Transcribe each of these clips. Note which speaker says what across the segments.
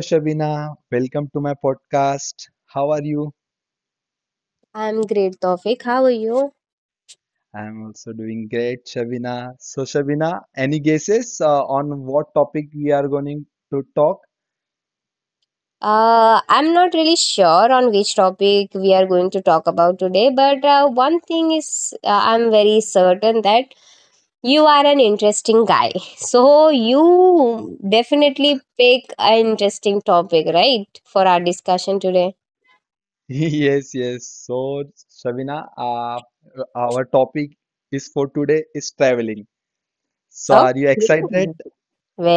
Speaker 1: Shabina, welcome to my podcast. How are you?
Speaker 2: I'm great, Tawfiq. How are you?
Speaker 1: I'm also doing great, Shabina. So, Shabina, any guesses on what topic we are going to talk?
Speaker 2: I'm not really sure on which topic we are going to talk about today, but one thing is I'm very certain that you are an interesting guy. So you definitely pick an interesting topic, right, for our discussion today.
Speaker 1: Yes, yes. So, Shabina, our topic is for today is traveling. So, are you excited
Speaker 2: Okay.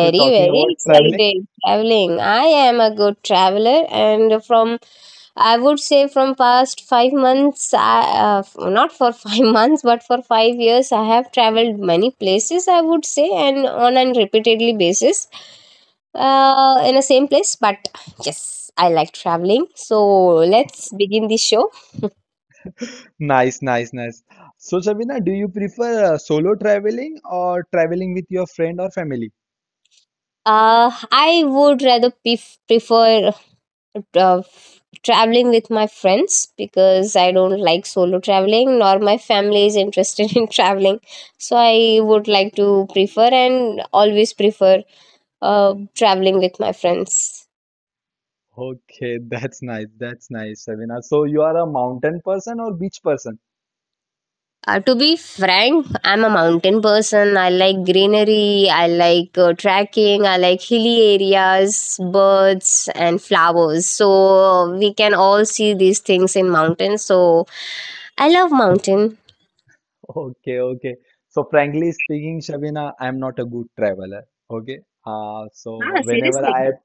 Speaker 1: to talking
Speaker 2: very
Speaker 1: about traveling?
Speaker 2: excited traveling. I am a good traveler, and from I would say from past 5 months, not for 5 months, but for 5 years, I have traveled many places. I would say, and on an repeatedly basis, in the same place. But yes, I like traveling. So let's begin the show.
Speaker 1: Nice, nice, nice. So, Shabina, do you prefer solo traveling or traveling with your friend or family?
Speaker 2: I would rather prefer of traveling with my friends because I don't like solo traveling nor my family is interested in traveling. So I would like to prefer and always prefer traveling with my friends.
Speaker 1: Okay, that's nice. That's nice, Shabina. So you are a mountain person or beach person?
Speaker 2: To be frank, I'm a mountain person. I like greenery, I like trekking, I like hilly areas, birds, and flowers. So we can all see these things in mountains. So I love mountain.
Speaker 1: Okay, okay. So frankly speaking, Shabina, I'm not a good traveler. Okay.
Speaker 2: Ah, seriously.
Speaker 1: Okay.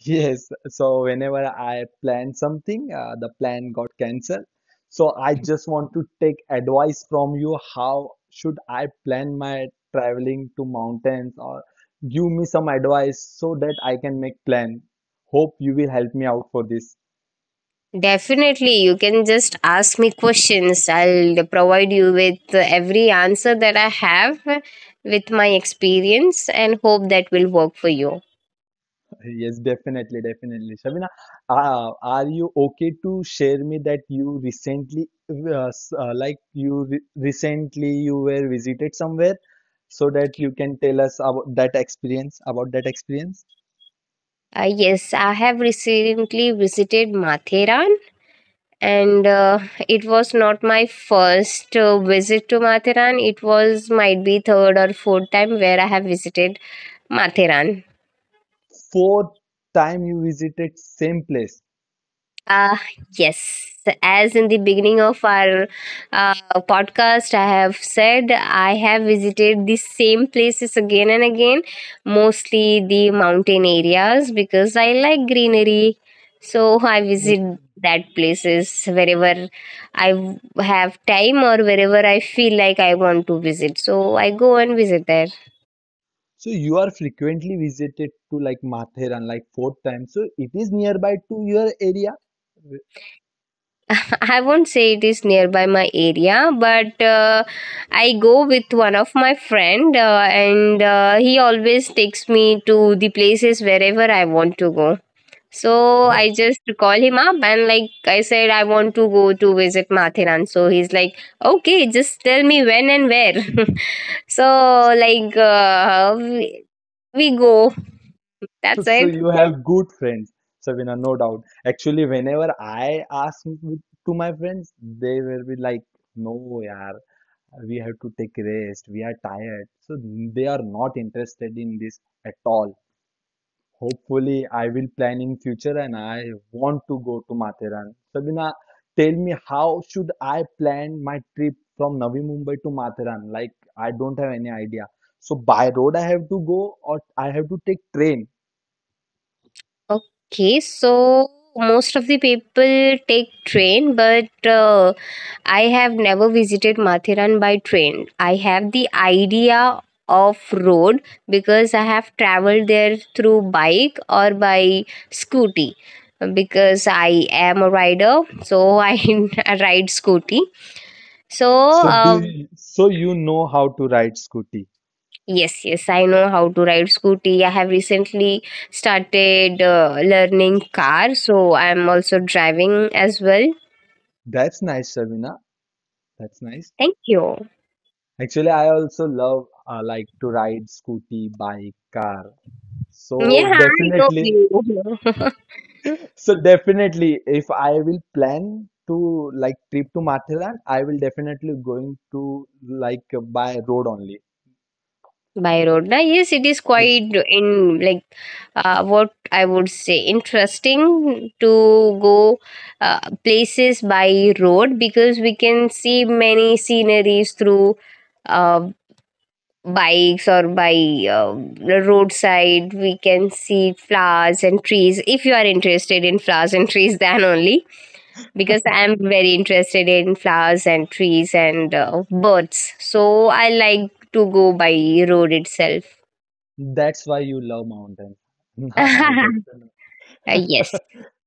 Speaker 1: Yes, so whenever I plan something, the plan got cancelled. So I just want to take advice from you. How should I plan my traveling to mountains or give me some advice so that I can make plan. Hope you will help me out for this.
Speaker 2: Definitely, you can just ask me questions. I'll provide you with every answer that I have with my experience and hope that will work for you.
Speaker 1: Yes, definitely, definitely. Shabina, are you okay to share me that you recently, like you re recently you were visited somewhere, so that you can tell us about that experience, about that experience?
Speaker 2: Yes, I have recently visited Matheran, and it was not my first visit to Matheran. It was might be third or fourth time where I have visited Matheran.
Speaker 1: Fourth time you visited same place.
Speaker 2: Uh, yes. As in the beginning of our uh, podcast, I have said I have visited the same places again and again, mostly the mountain areas because I like greenery. So I visit that places wherever I have time or wherever I feel like I want to visit. So I go and visit there.
Speaker 1: So you are frequently visited to like Matheran, like fourth time. So it is nearby to your area.
Speaker 2: I won't say it is nearby my area, but I go with one of my friend, and he always takes me to the places wherever I want to go. So I just call him up and like I said, I want to go to visit Mathiran. So he's like, okay, just tell me when and where. So like we go. That's
Speaker 1: So
Speaker 2: it.
Speaker 1: you have good friends, Sabina, no doubt. Actually, whenever I ask to my friends, they will be like, "No, yaar, we have to take rest. We are tired." So they are not interested in this at all. Hopefully, I will plan in future, and I want to go to Matheran. Sabina, tell me how should I plan my trip from Navi Mumbai to Matheran? Like I don't have any idea. So by road I have to go, or I have to take train?
Speaker 2: Okay, so most of the people take train, but I have never visited Mathiran by train. I have the idea of road because I have traveled there through bike or by scooty because I am a rider so I ride scooty. So
Speaker 1: So do
Speaker 2: uh,
Speaker 1: you, so you know how to ride scooty.
Speaker 2: yes, yes, I know how to ride scooty. I have recently started learning car so I am also driving as well.
Speaker 1: That's nice, Shabina. That's nice.
Speaker 2: Thank you.
Speaker 1: Actually, I also love like to ride scooty, bike, car. So
Speaker 2: Yeah, I know
Speaker 1: definitely,
Speaker 2: you.
Speaker 1: so definitely, if I will plan to like trip to Matheran, I will definitely going to like by road only.
Speaker 2: By road now, yes, it is
Speaker 1: Yes.
Speaker 2: quite in like what I would say interesting to go places by road because we can see many sceneries through uh, bikes or by the roadside. We can see flowers and trees if you are interested in flowers and trees then only because I am very interested in flowers and trees and birds, so I like to go by road itself.
Speaker 1: That's why you love mountains. Now I got to know.
Speaker 2: Yes.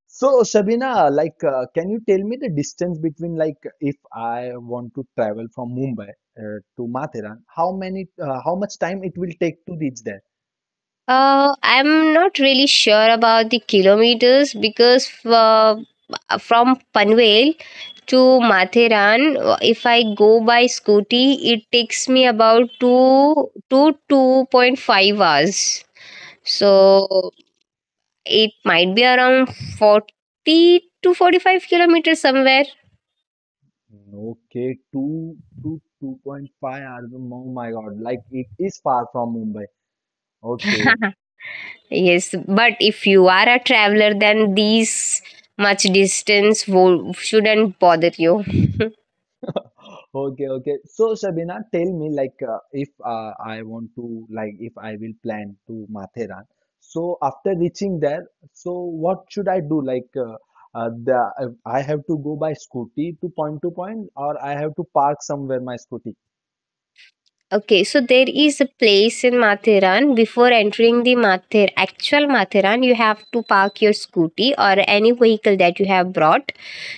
Speaker 1: So, Shabina, can you tell me the distance between, like, if I want to travel from Mumbai to Matheran, how many, how much time it will take to reach there?
Speaker 2: I'm not really sure about the kilometers because from Panvel to Matheran, if I go by scooty, it takes me about 2 to 2.5 hours. So it might be around 40 to 45 kilometers somewhere.
Speaker 1: Okay, two to 2.5 hours. Oh my God, like, it is far from Mumbai. Okay,
Speaker 2: Yes, but if you are a traveler, then these much shouldn't bother you.
Speaker 1: Okay, okay. So Shabina, tell me like if I want to like if I will plan to Matheran. So after reaching there, so what should I do? Like the I have to go by scooty to point, or I have to park somewhere my scooty
Speaker 2: Okay, so there is a place in Mathiran. Before entering the Mathir, actual Mathiran, you have to park your scooty or any vehicle that you have brought.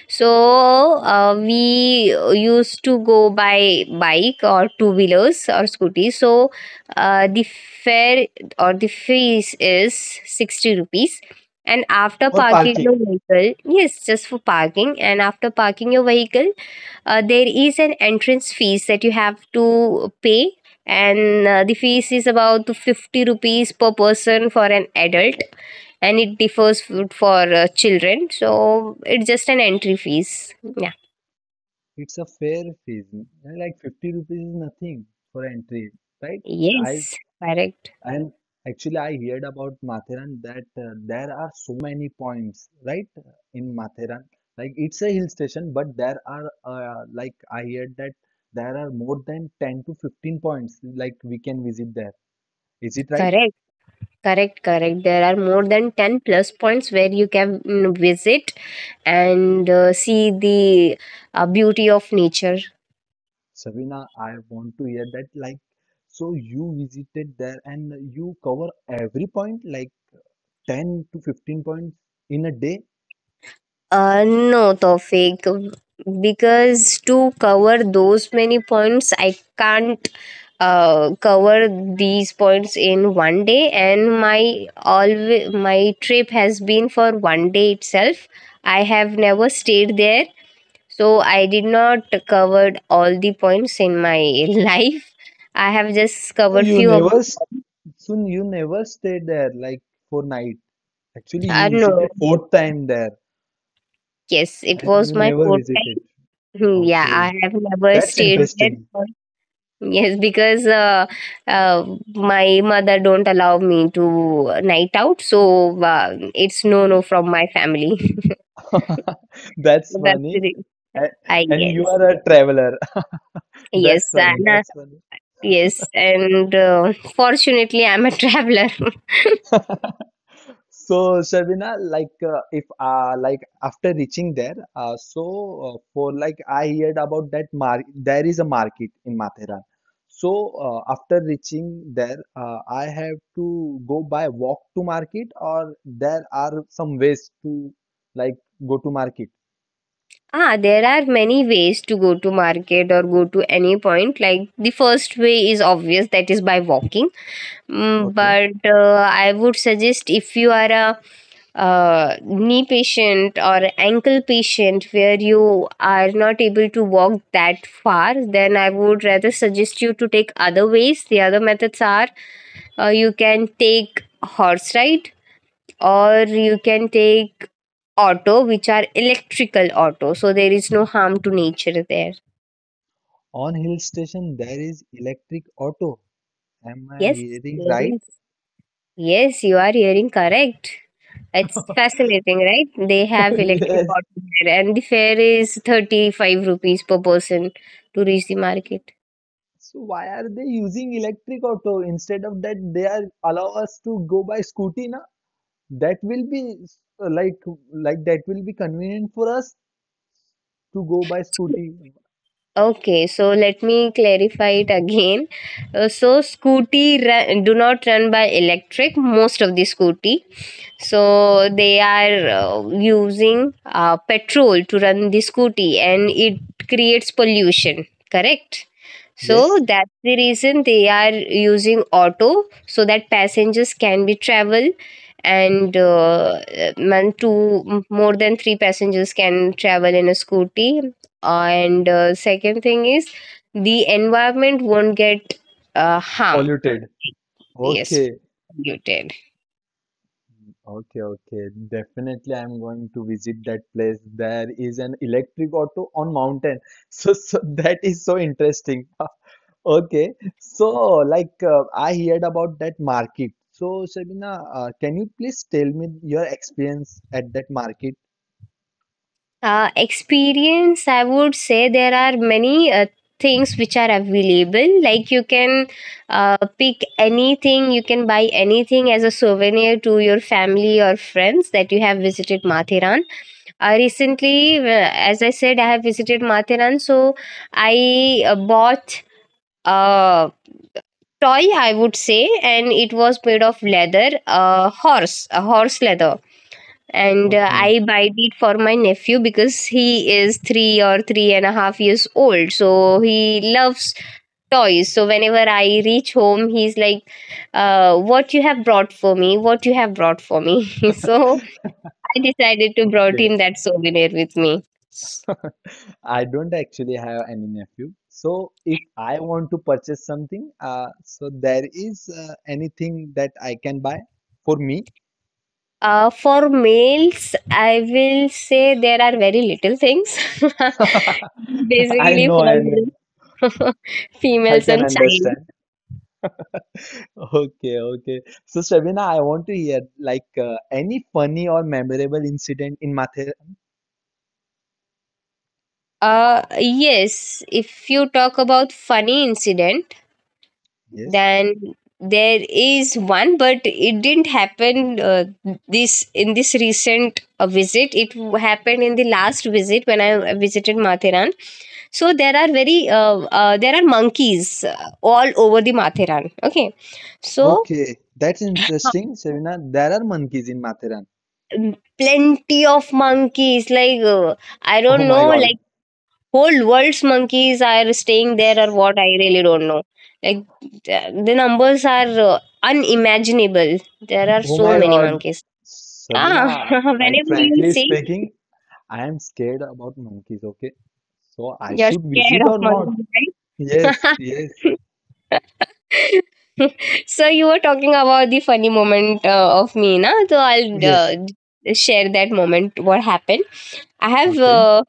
Speaker 2: So we used to go by bike or two wheelers or scooty. So the fare or the fees is 60 rupees. And after
Speaker 1: for
Speaker 2: parking
Speaker 1: parking.
Speaker 2: your vehicle, yes, just for parking. And after parking your vehicle, there is an entrance fees that you have to pay and the fees is about 50 rupees per person for an adult, and it differs for children. So it's just an entry fees. Yeah.
Speaker 1: It's a fair fees, like 50 rupees is nothing for entry, right?
Speaker 2: Yes, correct,
Speaker 1: And actually, I heard about Matheran that there are so many points, right? In Matheran, like it's a hill station, but there are like I heard that there are more than 10 to 15 points like we can visit there. Is it right?
Speaker 2: correct, correct, correct. There are more than 10 plus points where you can visit and see the beauty of nature.
Speaker 1: Sabina, I want to hear that. Like, so you visited there and you cover every point, like 10 to 15 points in a day.
Speaker 2: No, Tawfiq, because to cover those many points, I can't cover these points in one day, and my always my trip has been for one day itself. I have never stayed there, so I did not covered all the points in my life. I have just
Speaker 1: So
Speaker 2: covered
Speaker 1: you
Speaker 2: few of.
Speaker 1: never, so you never stayed there like for night. Actually, you
Speaker 2: No,
Speaker 1: visited fourth time there
Speaker 2: yes, it
Speaker 1: and
Speaker 2: was
Speaker 1: you
Speaker 2: my
Speaker 1: never
Speaker 2: fourth
Speaker 1: visited.
Speaker 2: time. Hmm. Yeah,
Speaker 1: Okay,
Speaker 2: I have never
Speaker 1: that's
Speaker 2: stayed there.
Speaker 1: interesting.
Speaker 2: Yes, because uh, my mother don't allow me to night out, so it's no, no from my family.
Speaker 1: That's
Speaker 2: That's
Speaker 1: funny.
Speaker 2: it,
Speaker 1: A-
Speaker 2: I
Speaker 1: And you
Speaker 2: guess.
Speaker 1: are a traveler.
Speaker 2: Yes,
Speaker 1: That's funny.
Speaker 2: and
Speaker 1: That's
Speaker 2: yes, and fortunately, I'm a traveler.
Speaker 1: funny. So, Shabina, if like after reaching there, for like I heard about that mar there is a market in Mathera. So after reaching there, I have to go by walk to market or there are some ways to like go to market.
Speaker 2: Ah, there are many ways to go to market or go to any point. Like the first way is obvious, that is by walking.
Speaker 1: Okay.
Speaker 2: But I would suggest if you are a knee patient or ankle patient where you are not able to walk that far, then I would rather suggest you to take other ways. The other methods are you can take horse ride or you can take auto, which are electrical auto. So there is no harm to nature there.
Speaker 1: On hill station, there is electric auto. Am I
Speaker 2: Yes.
Speaker 1: hearing right?
Speaker 2: Yes, yes, you are hearing correct. It's fascinating, right? They have electric
Speaker 1: Yes.
Speaker 2: auto there, and the fare is 35 rupees per person to reach the market.
Speaker 1: So why are they using electric auto instead of that they are allow us to go by scooty na? That will be uh, like like that will be convenient for us to go by scooty.
Speaker 2: Okay, so let me clarify it again. So scooty run, do not run by electric most of the scooty. So they are using petrol to run the scooty and it creates pollution, correct? So
Speaker 1: Yes,
Speaker 2: that's the reason they are using auto so that passengers can be travel, and man, two more than three passengers can travel in a scooty, and second thing is the environment won't get harm,
Speaker 1: polluted.
Speaker 2: yes,
Speaker 1: Okay,
Speaker 2: polluted.
Speaker 1: okay, okay. Definitely, I'm going to visit that place. There is an electric auto on mountain. So, so that is so interesting. Okay, so I heard about that market. So Shabina, can you please tell me your experience at that market?
Speaker 2: Experience, I would say, there are many things which are available. Like you can pick anything, you can buy anything as a souvenir to your family or friends that you have visited Mathiran recently. As I said, I have visited Mathiran, so I bought uh, toy, I would say, and it was made of leather, horse, a horse leather. And
Speaker 1: Okay,
Speaker 2: I buy it for my nephew because he is 3 or 3.5 years old, so he loves toys. So whenever I reach home he's like, what you have brought for me, what you have brought for me. So I decided to brought
Speaker 1: okay.
Speaker 2: him that souvenir with me.
Speaker 1: I don't actually have any nephew. So if I want to purchase something, so there is anything that I can buy for me.
Speaker 2: For males, I will say there are very little things.
Speaker 1: I
Speaker 2: Basically,
Speaker 1: know
Speaker 2: for
Speaker 1: and I
Speaker 2: females
Speaker 1: can
Speaker 2: and child.
Speaker 1: understand. Okay, okay. So Shabina, I want to hear like any funny or memorable incident in Mathura.
Speaker 2: Yes, if you talk about funny incident,
Speaker 1: Yes.
Speaker 2: then there is one, but it didn't happen this in this recent visit. It happened in the last visit when I visited Matheran. So there are very there are monkeys all over the Matheran. Okay, so
Speaker 1: Okay, that's interesting, Sabina. There are monkeys in Matheran.
Speaker 2: Plenty of monkeys. Like I
Speaker 1: Oh
Speaker 2: don't
Speaker 1: my
Speaker 2: know,
Speaker 1: God.
Speaker 2: like whole world's monkeys are staying there or what, I really don't know. Like the numbers are unimaginable. There are
Speaker 1: Oh
Speaker 2: so
Speaker 1: my
Speaker 2: many
Speaker 1: God.
Speaker 2: monkeys. Ah.
Speaker 1: Sabina, like
Speaker 2: Whenever you
Speaker 1: frankly
Speaker 2: see,
Speaker 1: speaking, I am scared about monkeys, okay? So I
Speaker 2: you're
Speaker 1: should
Speaker 2: scared
Speaker 1: visit
Speaker 2: of
Speaker 1: or not?
Speaker 2: monkeys,
Speaker 1: Yes,
Speaker 2: right?
Speaker 1: yes,
Speaker 2: So you were talking about the funny moment of me, na, so I'll
Speaker 1: yes.
Speaker 2: share that moment what happened. I have
Speaker 1: Okay,
Speaker 2: uh,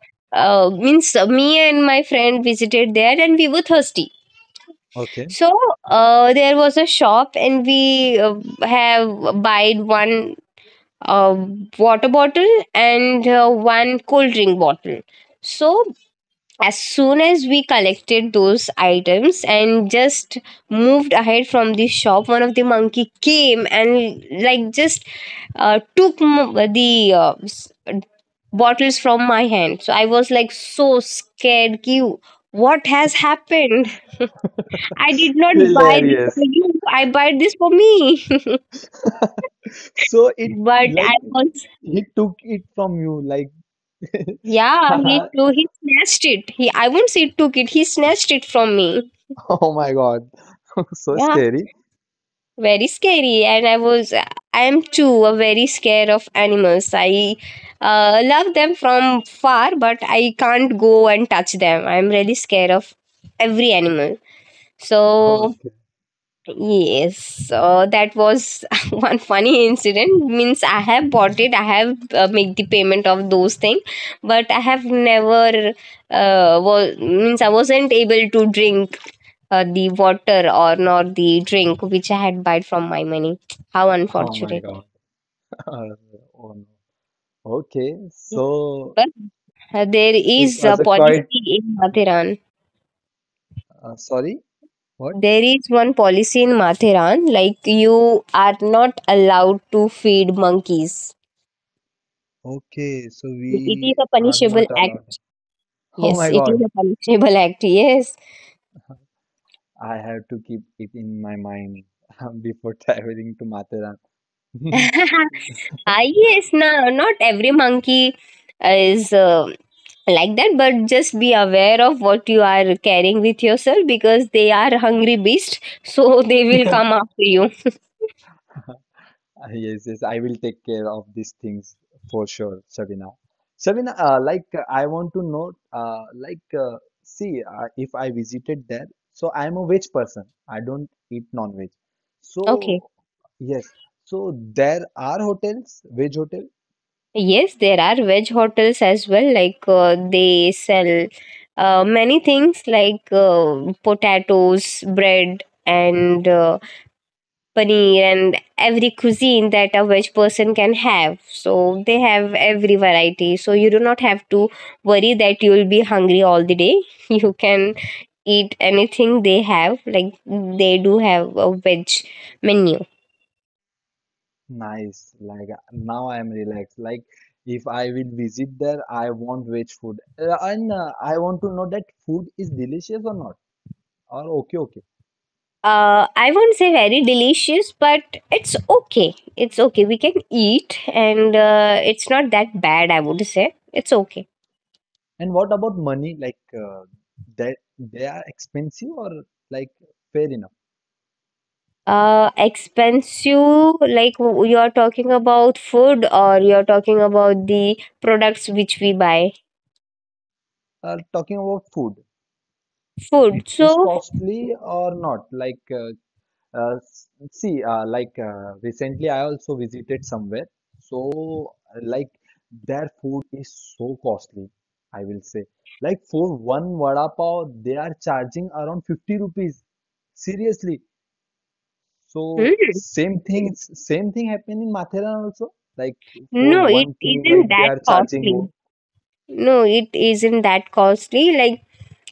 Speaker 2: uh, means me and my friend visited there and we were thirsty.
Speaker 1: okay.
Speaker 2: So there was a shop and we have buyed one uh, water bottle and one cold drink bottle. So as soon as we collected those items and just moved ahead from the shop, one of the monkey came and like just took the bottles from my hand. So I was like so scared. Ki, what has happened? I did not buy this
Speaker 1: Hilarious.
Speaker 2: for you. I buy this for me.
Speaker 1: So it
Speaker 2: But I
Speaker 1: like
Speaker 2: was,
Speaker 1: he took it from you, like
Speaker 2: yeah. He too. He snatched it. He, I won't say took it. He snatched it from me.
Speaker 1: oh my God. So
Speaker 2: Yeah.
Speaker 1: scary.
Speaker 2: Very scary, and I was, I am too a very scared of animals. I love them from far, but I can't go and touch them. I'm really scared of every animal.
Speaker 1: Oh,
Speaker 2: So yes, so that was one funny incident. Means I have bought it, I have made the payment of those things, but I have never was, means I wasn't able to drink the water or nor the drink which I had bought from my money. How
Speaker 1: oh my
Speaker 2: unfortunate.
Speaker 1: God. Oh no. Okay,
Speaker 2: Yeah.
Speaker 1: so
Speaker 2: But there
Speaker 1: it
Speaker 2: is a
Speaker 1: was a quite.
Speaker 2: policy in Matheran.
Speaker 1: Sorry, what?
Speaker 2: There is one policy in Matheran, like you are not allowed to feed monkeys.
Speaker 1: Okay, so
Speaker 2: It is
Speaker 1: we
Speaker 2: a
Speaker 1: are not
Speaker 2: punishable act.
Speaker 1: allowed. Oh
Speaker 2: Yes,
Speaker 1: my
Speaker 2: it is
Speaker 1: God,
Speaker 2: a punishable act. Yes.
Speaker 1: I have to keep it in my mind before traveling to Mathura.
Speaker 2: Yes, no, not every monkey is like that, but just be aware of what you are carrying with yourself because they are hungry beasts, so they will come after you.
Speaker 1: Yes, yes, I will take care of these things for sure, Shabina. Shabina, I want to know, if I visited there, so I'm a veg person. I don't eat non-veg.
Speaker 2: Okay.
Speaker 1: So, yes, so there are hotels, veg hotels.
Speaker 2: Yes, there are veg hotels as well. Like they sell many things like potatoes, bread, and paneer and every cuisine that a veg person can have. So they have every variety. So you do not have to worry that you will be hungry all the day. You can eat anything they have. Like they do have a veg menu.
Speaker 1: Nice. Like now I am relaxed. Like if I will visit there, I want veg food, and I want to know that food is delicious or not, or okay, okay.
Speaker 2: I won't say very delicious, but it's okay. It's okay. We can eat, and it's not that bad. I would say it's okay.
Speaker 1: And what about money? Like that they are expensive or like fair enough.
Speaker 2: Expensive, like you are talking about food or you are talking about the products which we buy?
Speaker 1: Talking about food,
Speaker 2: Food.
Speaker 1: it is
Speaker 2: So,
Speaker 1: costly or not? See, recently I also visited somewhere. So, like their food is so costly, I will say. Like for one vada pav, they are charging around 50 rupees. Seriously. So
Speaker 2: hmm,
Speaker 1: same thing happened in Mathera also. Like for
Speaker 2: no, it
Speaker 1: one thing,
Speaker 2: isn't
Speaker 1: like they
Speaker 2: that
Speaker 1: are charging
Speaker 2: costly.
Speaker 1: more.
Speaker 2: No, it isn't that costly. Like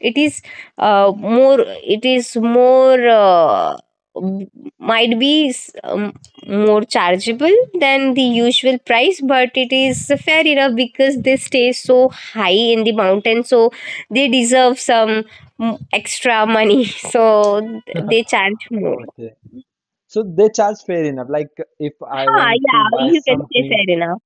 Speaker 2: it is uh, more more m- might be more chargeable than the usual price, but it is fair enough because they stay so high in the mountain, so they deserve some extra money, so they charge more.
Speaker 1: Okay. So they charge fair enough. Like if I
Speaker 2: Ha!
Speaker 1: want to
Speaker 2: Yeah,
Speaker 1: buy
Speaker 2: you can say
Speaker 1: something.
Speaker 2: fair enough.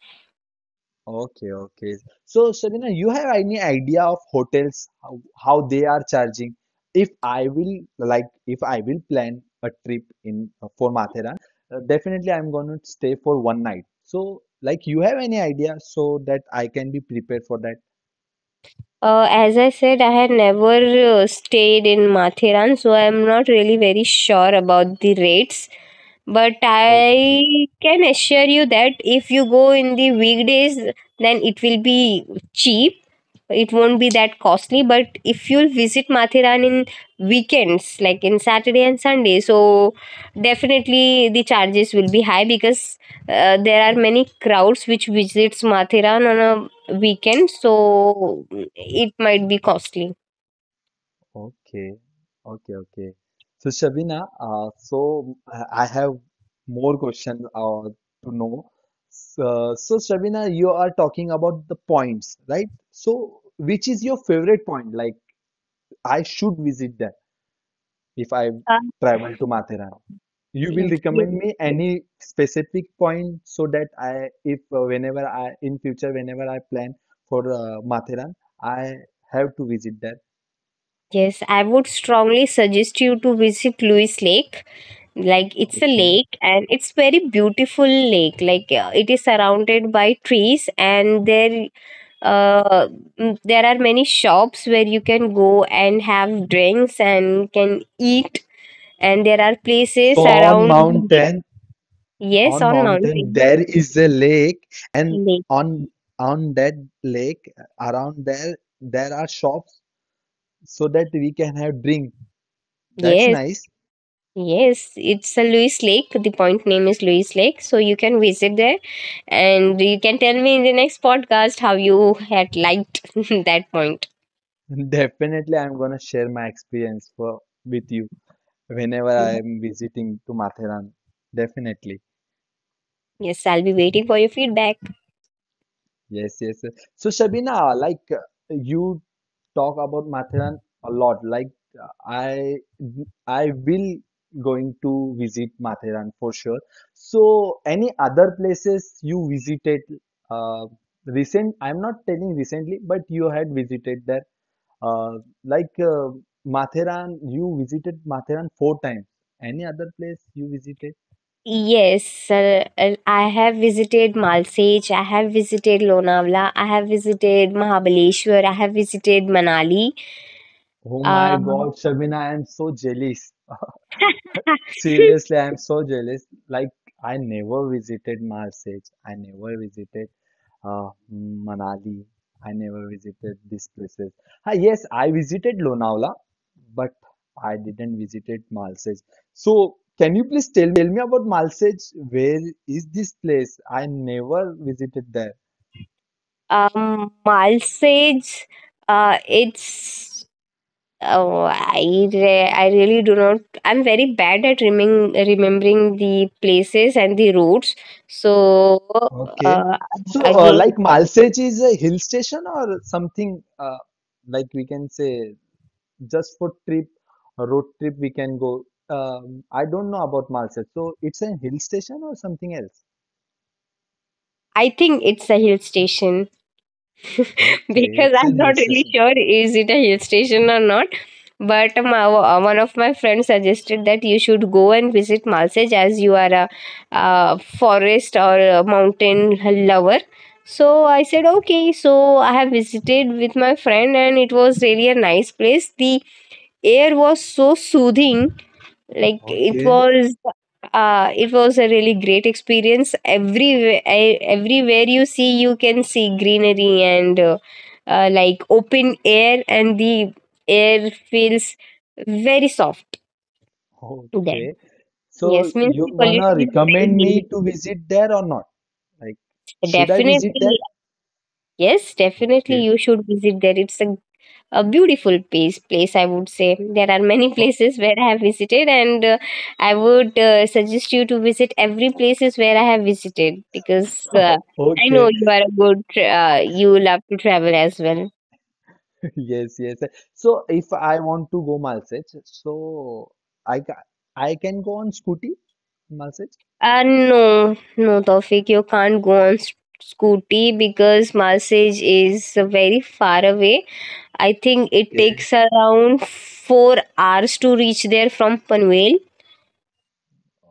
Speaker 1: Okay. So, Shabina, you have any idea of hotels, how they are charging? If I will plan a trip in for Matheran, definitely I'm going to stay for 1 night. So, like, you have any idea so that I can be prepared for that?
Speaker 2: As I said, I had never stayed in Mathiran, so I'm not really very sure about the rates. But
Speaker 1: Okay.
Speaker 2: I can assure you that if you go in the weekdays, then it will be cheap. It won't be that costly. But if you'll visit Mathiran in weekends, like in Saturday and Sunday, so definitely the charges will be high because there are many crowds which visits Mathiran on a weekend. So it might be costly.
Speaker 1: Okay, okay. So Shabina, I have more questions to know. So Shabina, you are talking about the points, right? So which is your favorite point? Like I should visit there if I
Speaker 2: Uh,
Speaker 1: travel to Mathera. You will
Speaker 2: Ye-
Speaker 1: recommend me any specific point so that I, if whenever I in future whenever I plan for Mathera, I have to visit that.
Speaker 2: Yes, I would strongly suggest you to visit Lewis Lake. Like it's a
Speaker 1: Okay.
Speaker 2: lake and it's very beautiful lake, like it is surrounded by trees and there uh, there are many shops where you can go and have drinks and can eat, and there are
Speaker 1: So
Speaker 2: places
Speaker 1: on
Speaker 2: around the lake.
Speaker 1: mountain,
Speaker 2: Yes,
Speaker 1: on
Speaker 2: on
Speaker 1: mountain
Speaker 2: mountain
Speaker 1: there is a lake, and
Speaker 2: lake,
Speaker 1: on on that lake around there there are shops so that we can have drink. That's
Speaker 2: yes,
Speaker 1: nice.
Speaker 2: yes, it's a Lewis Lake. The point name is Lewis Lake, so you can visit there and you can tell me in the next podcast how you had liked that point.
Speaker 1: Definitely, I'm gonna share my experience for with you whenever I am visiting to Matheran. Definitely.
Speaker 2: Yes, I'll be waiting for your feedback.
Speaker 1: Yes. So Shabina, like you talk about Matheran a lot. Like I will going to visit Matheran for sure. So any other places you visited uh, recent? I'm not telling recently, but you had visited there. Uh, like uh, Matheran, you visited Matheran 4 times. Any other place you visited?
Speaker 2: Yes, sir. I have visited Malsej, I have visited Lonavala, I have visited Mahabaleshwar, I have visited Manali.
Speaker 1: Oh my
Speaker 2: Uh,
Speaker 1: God, Shabina, I am so jealous. Seriously, I'm so jealous. Like, I never visited Marseille. I never visited Manali. I never visited these places. Ah, yes, I visited Lonavala, but I didn't visited Marseille. So, can you please tell me about Marseille? Where is this place? I never visited there.
Speaker 2: Malsej, it's oh, I really do not. I'm very bad at remembering the places and the routes. So
Speaker 1: Okay.
Speaker 2: uh,
Speaker 1: So,
Speaker 2: again,
Speaker 1: like Marseille is a hill station or something like we can say just for trip, a road trip we can go. I don't know about Malsad. So it's a hill station or something else?
Speaker 2: I think it's a hill station.
Speaker 1: Okay,
Speaker 2: Because
Speaker 1: it's
Speaker 2: I'm
Speaker 1: an hill
Speaker 2: not really
Speaker 1: station.
Speaker 2: sure is it a hill station or not. But my, one of my friends suggested that you should go and visit Malsej as you are a, forest or a mountain lover. So I said, okay. So I have visited with my friend, and it was really a nice place. The air was so soothing, like it
Speaker 1: Okay,
Speaker 2: was uh it was a really great experience. Everywhere everywhere you see, you can see greenery and like open air, and the air feels very soft there,
Speaker 1: okay. So
Speaker 2: yes, means the
Speaker 1: you gonna
Speaker 2: pollution is very
Speaker 1: recommend
Speaker 2: minimal.
Speaker 1: me to visit there or not? Like, should I visit there?
Speaker 2: Definitely, yes, definitely
Speaker 1: Okay.
Speaker 2: you should visit there. It's a beautiful place, I would say. There are many
Speaker 1: Oh,
Speaker 2: places where I have visited, and I would suggest you to visit every places where I have visited because I know
Speaker 1: okay.
Speaker 2: you are a good you love to travel as well.
Speaker 1: Yes, yes. So if I want to go Malsad, so I ca I can go on scooty, Malsad?
Speaker 2: No, no, Tawfiq, you can't go on scooty because Marsage is very far away. I think it takes around 4 hours to reach there from Panvel.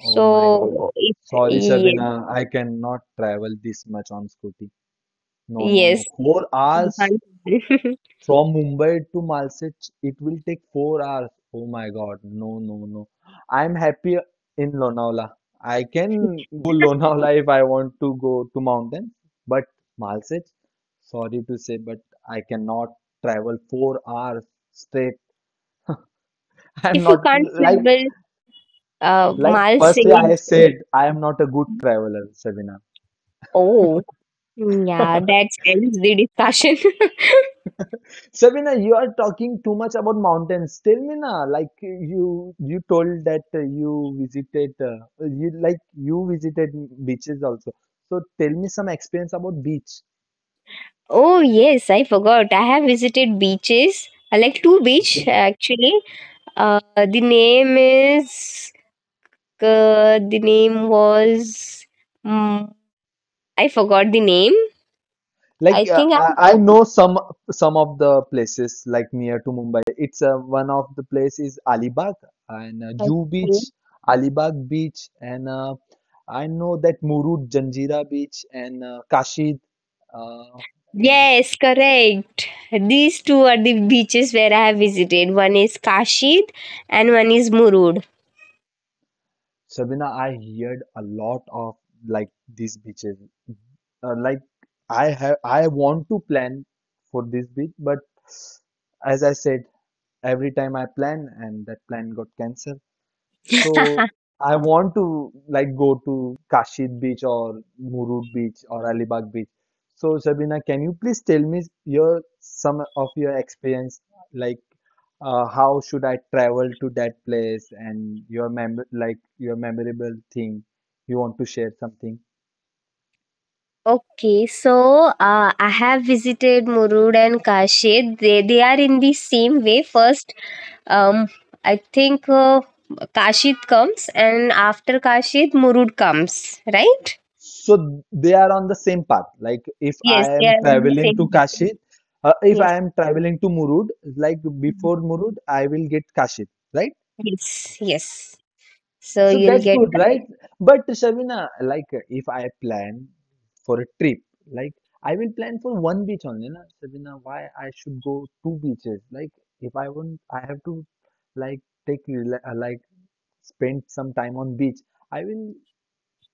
Speaker 1: Oh my God.
Speaker 2: if
Speaker 1: Sorry,
Speaker 2: yes,
Speaker 1: Shabina. I cannot travel this much on scooty. No, no, no.
Speaker 2: yes,
Speaker 1: Four
Speaker 2: you
Speaker 1: hours
Speaker 2: can't travel.
Speaker 1: from Mumbai to Nalsec, it will take 4 hours. Oh my God. No, no, no. I'm happy in Lonavala. I can go Lonavala if I want to go to mountain, but Nalsec, sorry to say, but I cannot travel 4 hours straight. I'm
Speaker 2: If you
Speaker 1: not
Speaker 2: can't
Speaker 1: like
Speaker 2: travel,
Speaker 1: like
Speaker 2: Mal said,
Speaker 1: firstly I said I am not a good traveler, Shabina.
Speaker 2: oh, yeah, that ends the discussion.
Speaker 1: Sabina, you are talking too much about mountains. Tell me now, like you told that you visited you like you visited beaches also. So tell me some experience about beach.
Speaker 2: Oh yes, I forgot. I have visited beaches. I like two
Speaker 1: Okay,
Speaker 2: beach actually. Uh, the name is the name was mm, I forgot the name. I
Speaker 1: like
Speaker 2: think I
Speaker 1: I know some of the places like near to Mumbai. It's one of the place is Alibag and
Speaker 2: have.
Speaker 1: Jew Beach, Alibag Beach, and I know that Murud Janjira Beach and Kashid. Uh,
Speaker 2: Yes, correct. These two are the beaches where I have visited. One is Kashid and one is Murud.
Speaker 1: Sabina, I heard a lot of like these beaches. Uh, like I want to plan for this beach, but as I said, every time I plan and that plan got cancelled. So I want to like go to Kashid Beach or Murud Beach or Alibag Beach. So Sabina, can you please tell me your some of your experience, like how should I travel to that place and your mem like your memorable thing you want to share something.
Speaker 2: Okay, so I have visited Murud and Kashid. They are in the same way. First, um, I think Kashid comes, and after Kashid, Murud comes. Right?
Speaker 1: So they are on the same path. Like if
Speaker 2: Yes,
Speaker 1: I
Speaker 2: they
Speaker 1: am
Speaker 2: are in the
Speaker 1: traveling to
Speaker 2: same way.
Speaker 1: Kashid, if
Speaker 2: Yes,
Speaker 1: I am traveling to Murud, like before Murud, I will get Kashid, right?
Speaker 2: yes, yes. So
Speaker 1: So
Speaker 2: you'll
Speaker 1: that's
Speaker 2: get.
Speaker 1: good, right? But Shavina, like if I plan for a trip, like I will plan for one beach only, na? Shavina, why I should go two beaches? Like if I want, I have to like like spend some time on beach. I will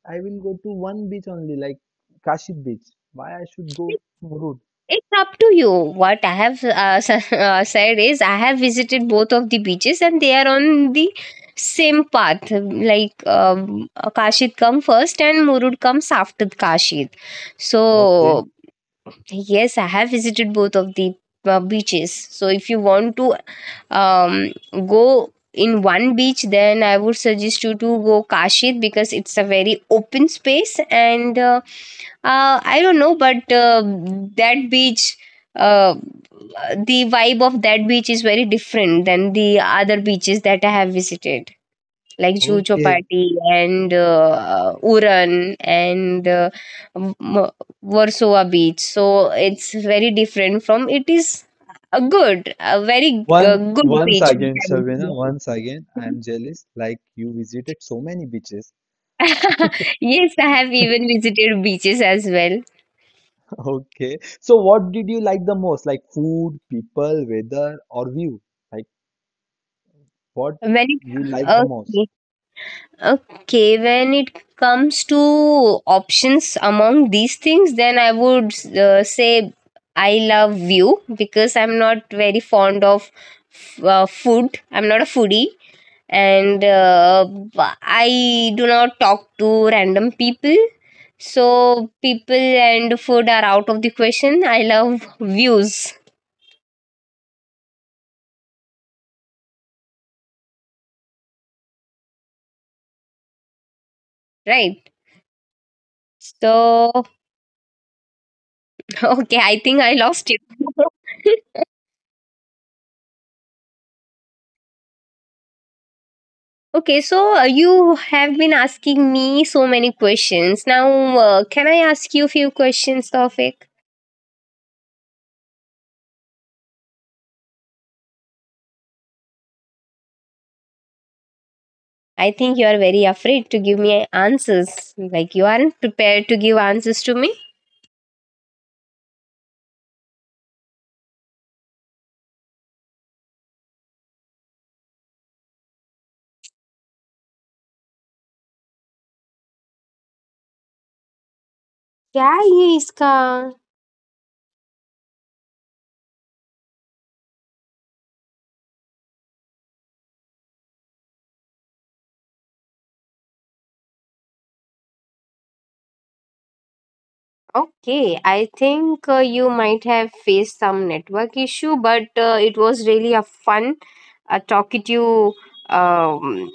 Speaker 1: I will go to one beach only, like Kashi beach. Why I should go to Murud?
Speaker 2: It's up to you. What I have said is, I have visited both of the beaches and they are on the same path. Like Kashid come first and Murud comes after Kashid.
Speaker 1: Okay,
Speaker 2: So, yes, I have visited both of the beaches. So, if you want to go in one beach, then I would suggest you to go Kashid because it's a very open space and I don't know, but that beach, uh, the vibe of that beach is very different than the other beaches that I have visited, like Juhu
Speaker 1: okay.
Speaker 2: Chopati and Uran and M- Warsaw Beach. So it's very different from. It is a good, a very
Speaker 1: One
Speaker 2: good
Speaker 1: Once
Speaker 2: beach, which
Speaker 1: again,
Speaker 2: I would
Speaker 1: Shavina,
Speaker 2: say.
Speaker 1: once again, I am jealous. Like you visited so many beaches.
Speaker 2: Yes, I have even visited beaches as well.
Speaker 1: Okay. So what did you like the most? Like food, people, weather, or view? Like what
Speaker 2: Many.
Speaker 1: you like the most?
Speaker 2: Okay. Okay, when it comes to options among these things, then I would say I love view because I'm not very fond of food. I'm not a foodie, and I do not talk to random people. So people and food are out of the question. I love views, right? So okay, I think I lost you. Okay, so you have been asking me so many questions. Now, can I ask you a few questions, Tawfiq? I think you are very afraid to give me answers. Like you aren't prepared to give answers to me. क्या ये इसका okay, I think you might have faced some network issue, but it was really a fun, a talkative um,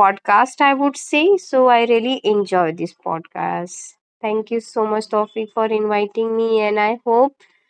Speaker 2: podcast, I would say. So I really enjoyed this podcast. Thank you so much, Tofik, for inviting me, and I hope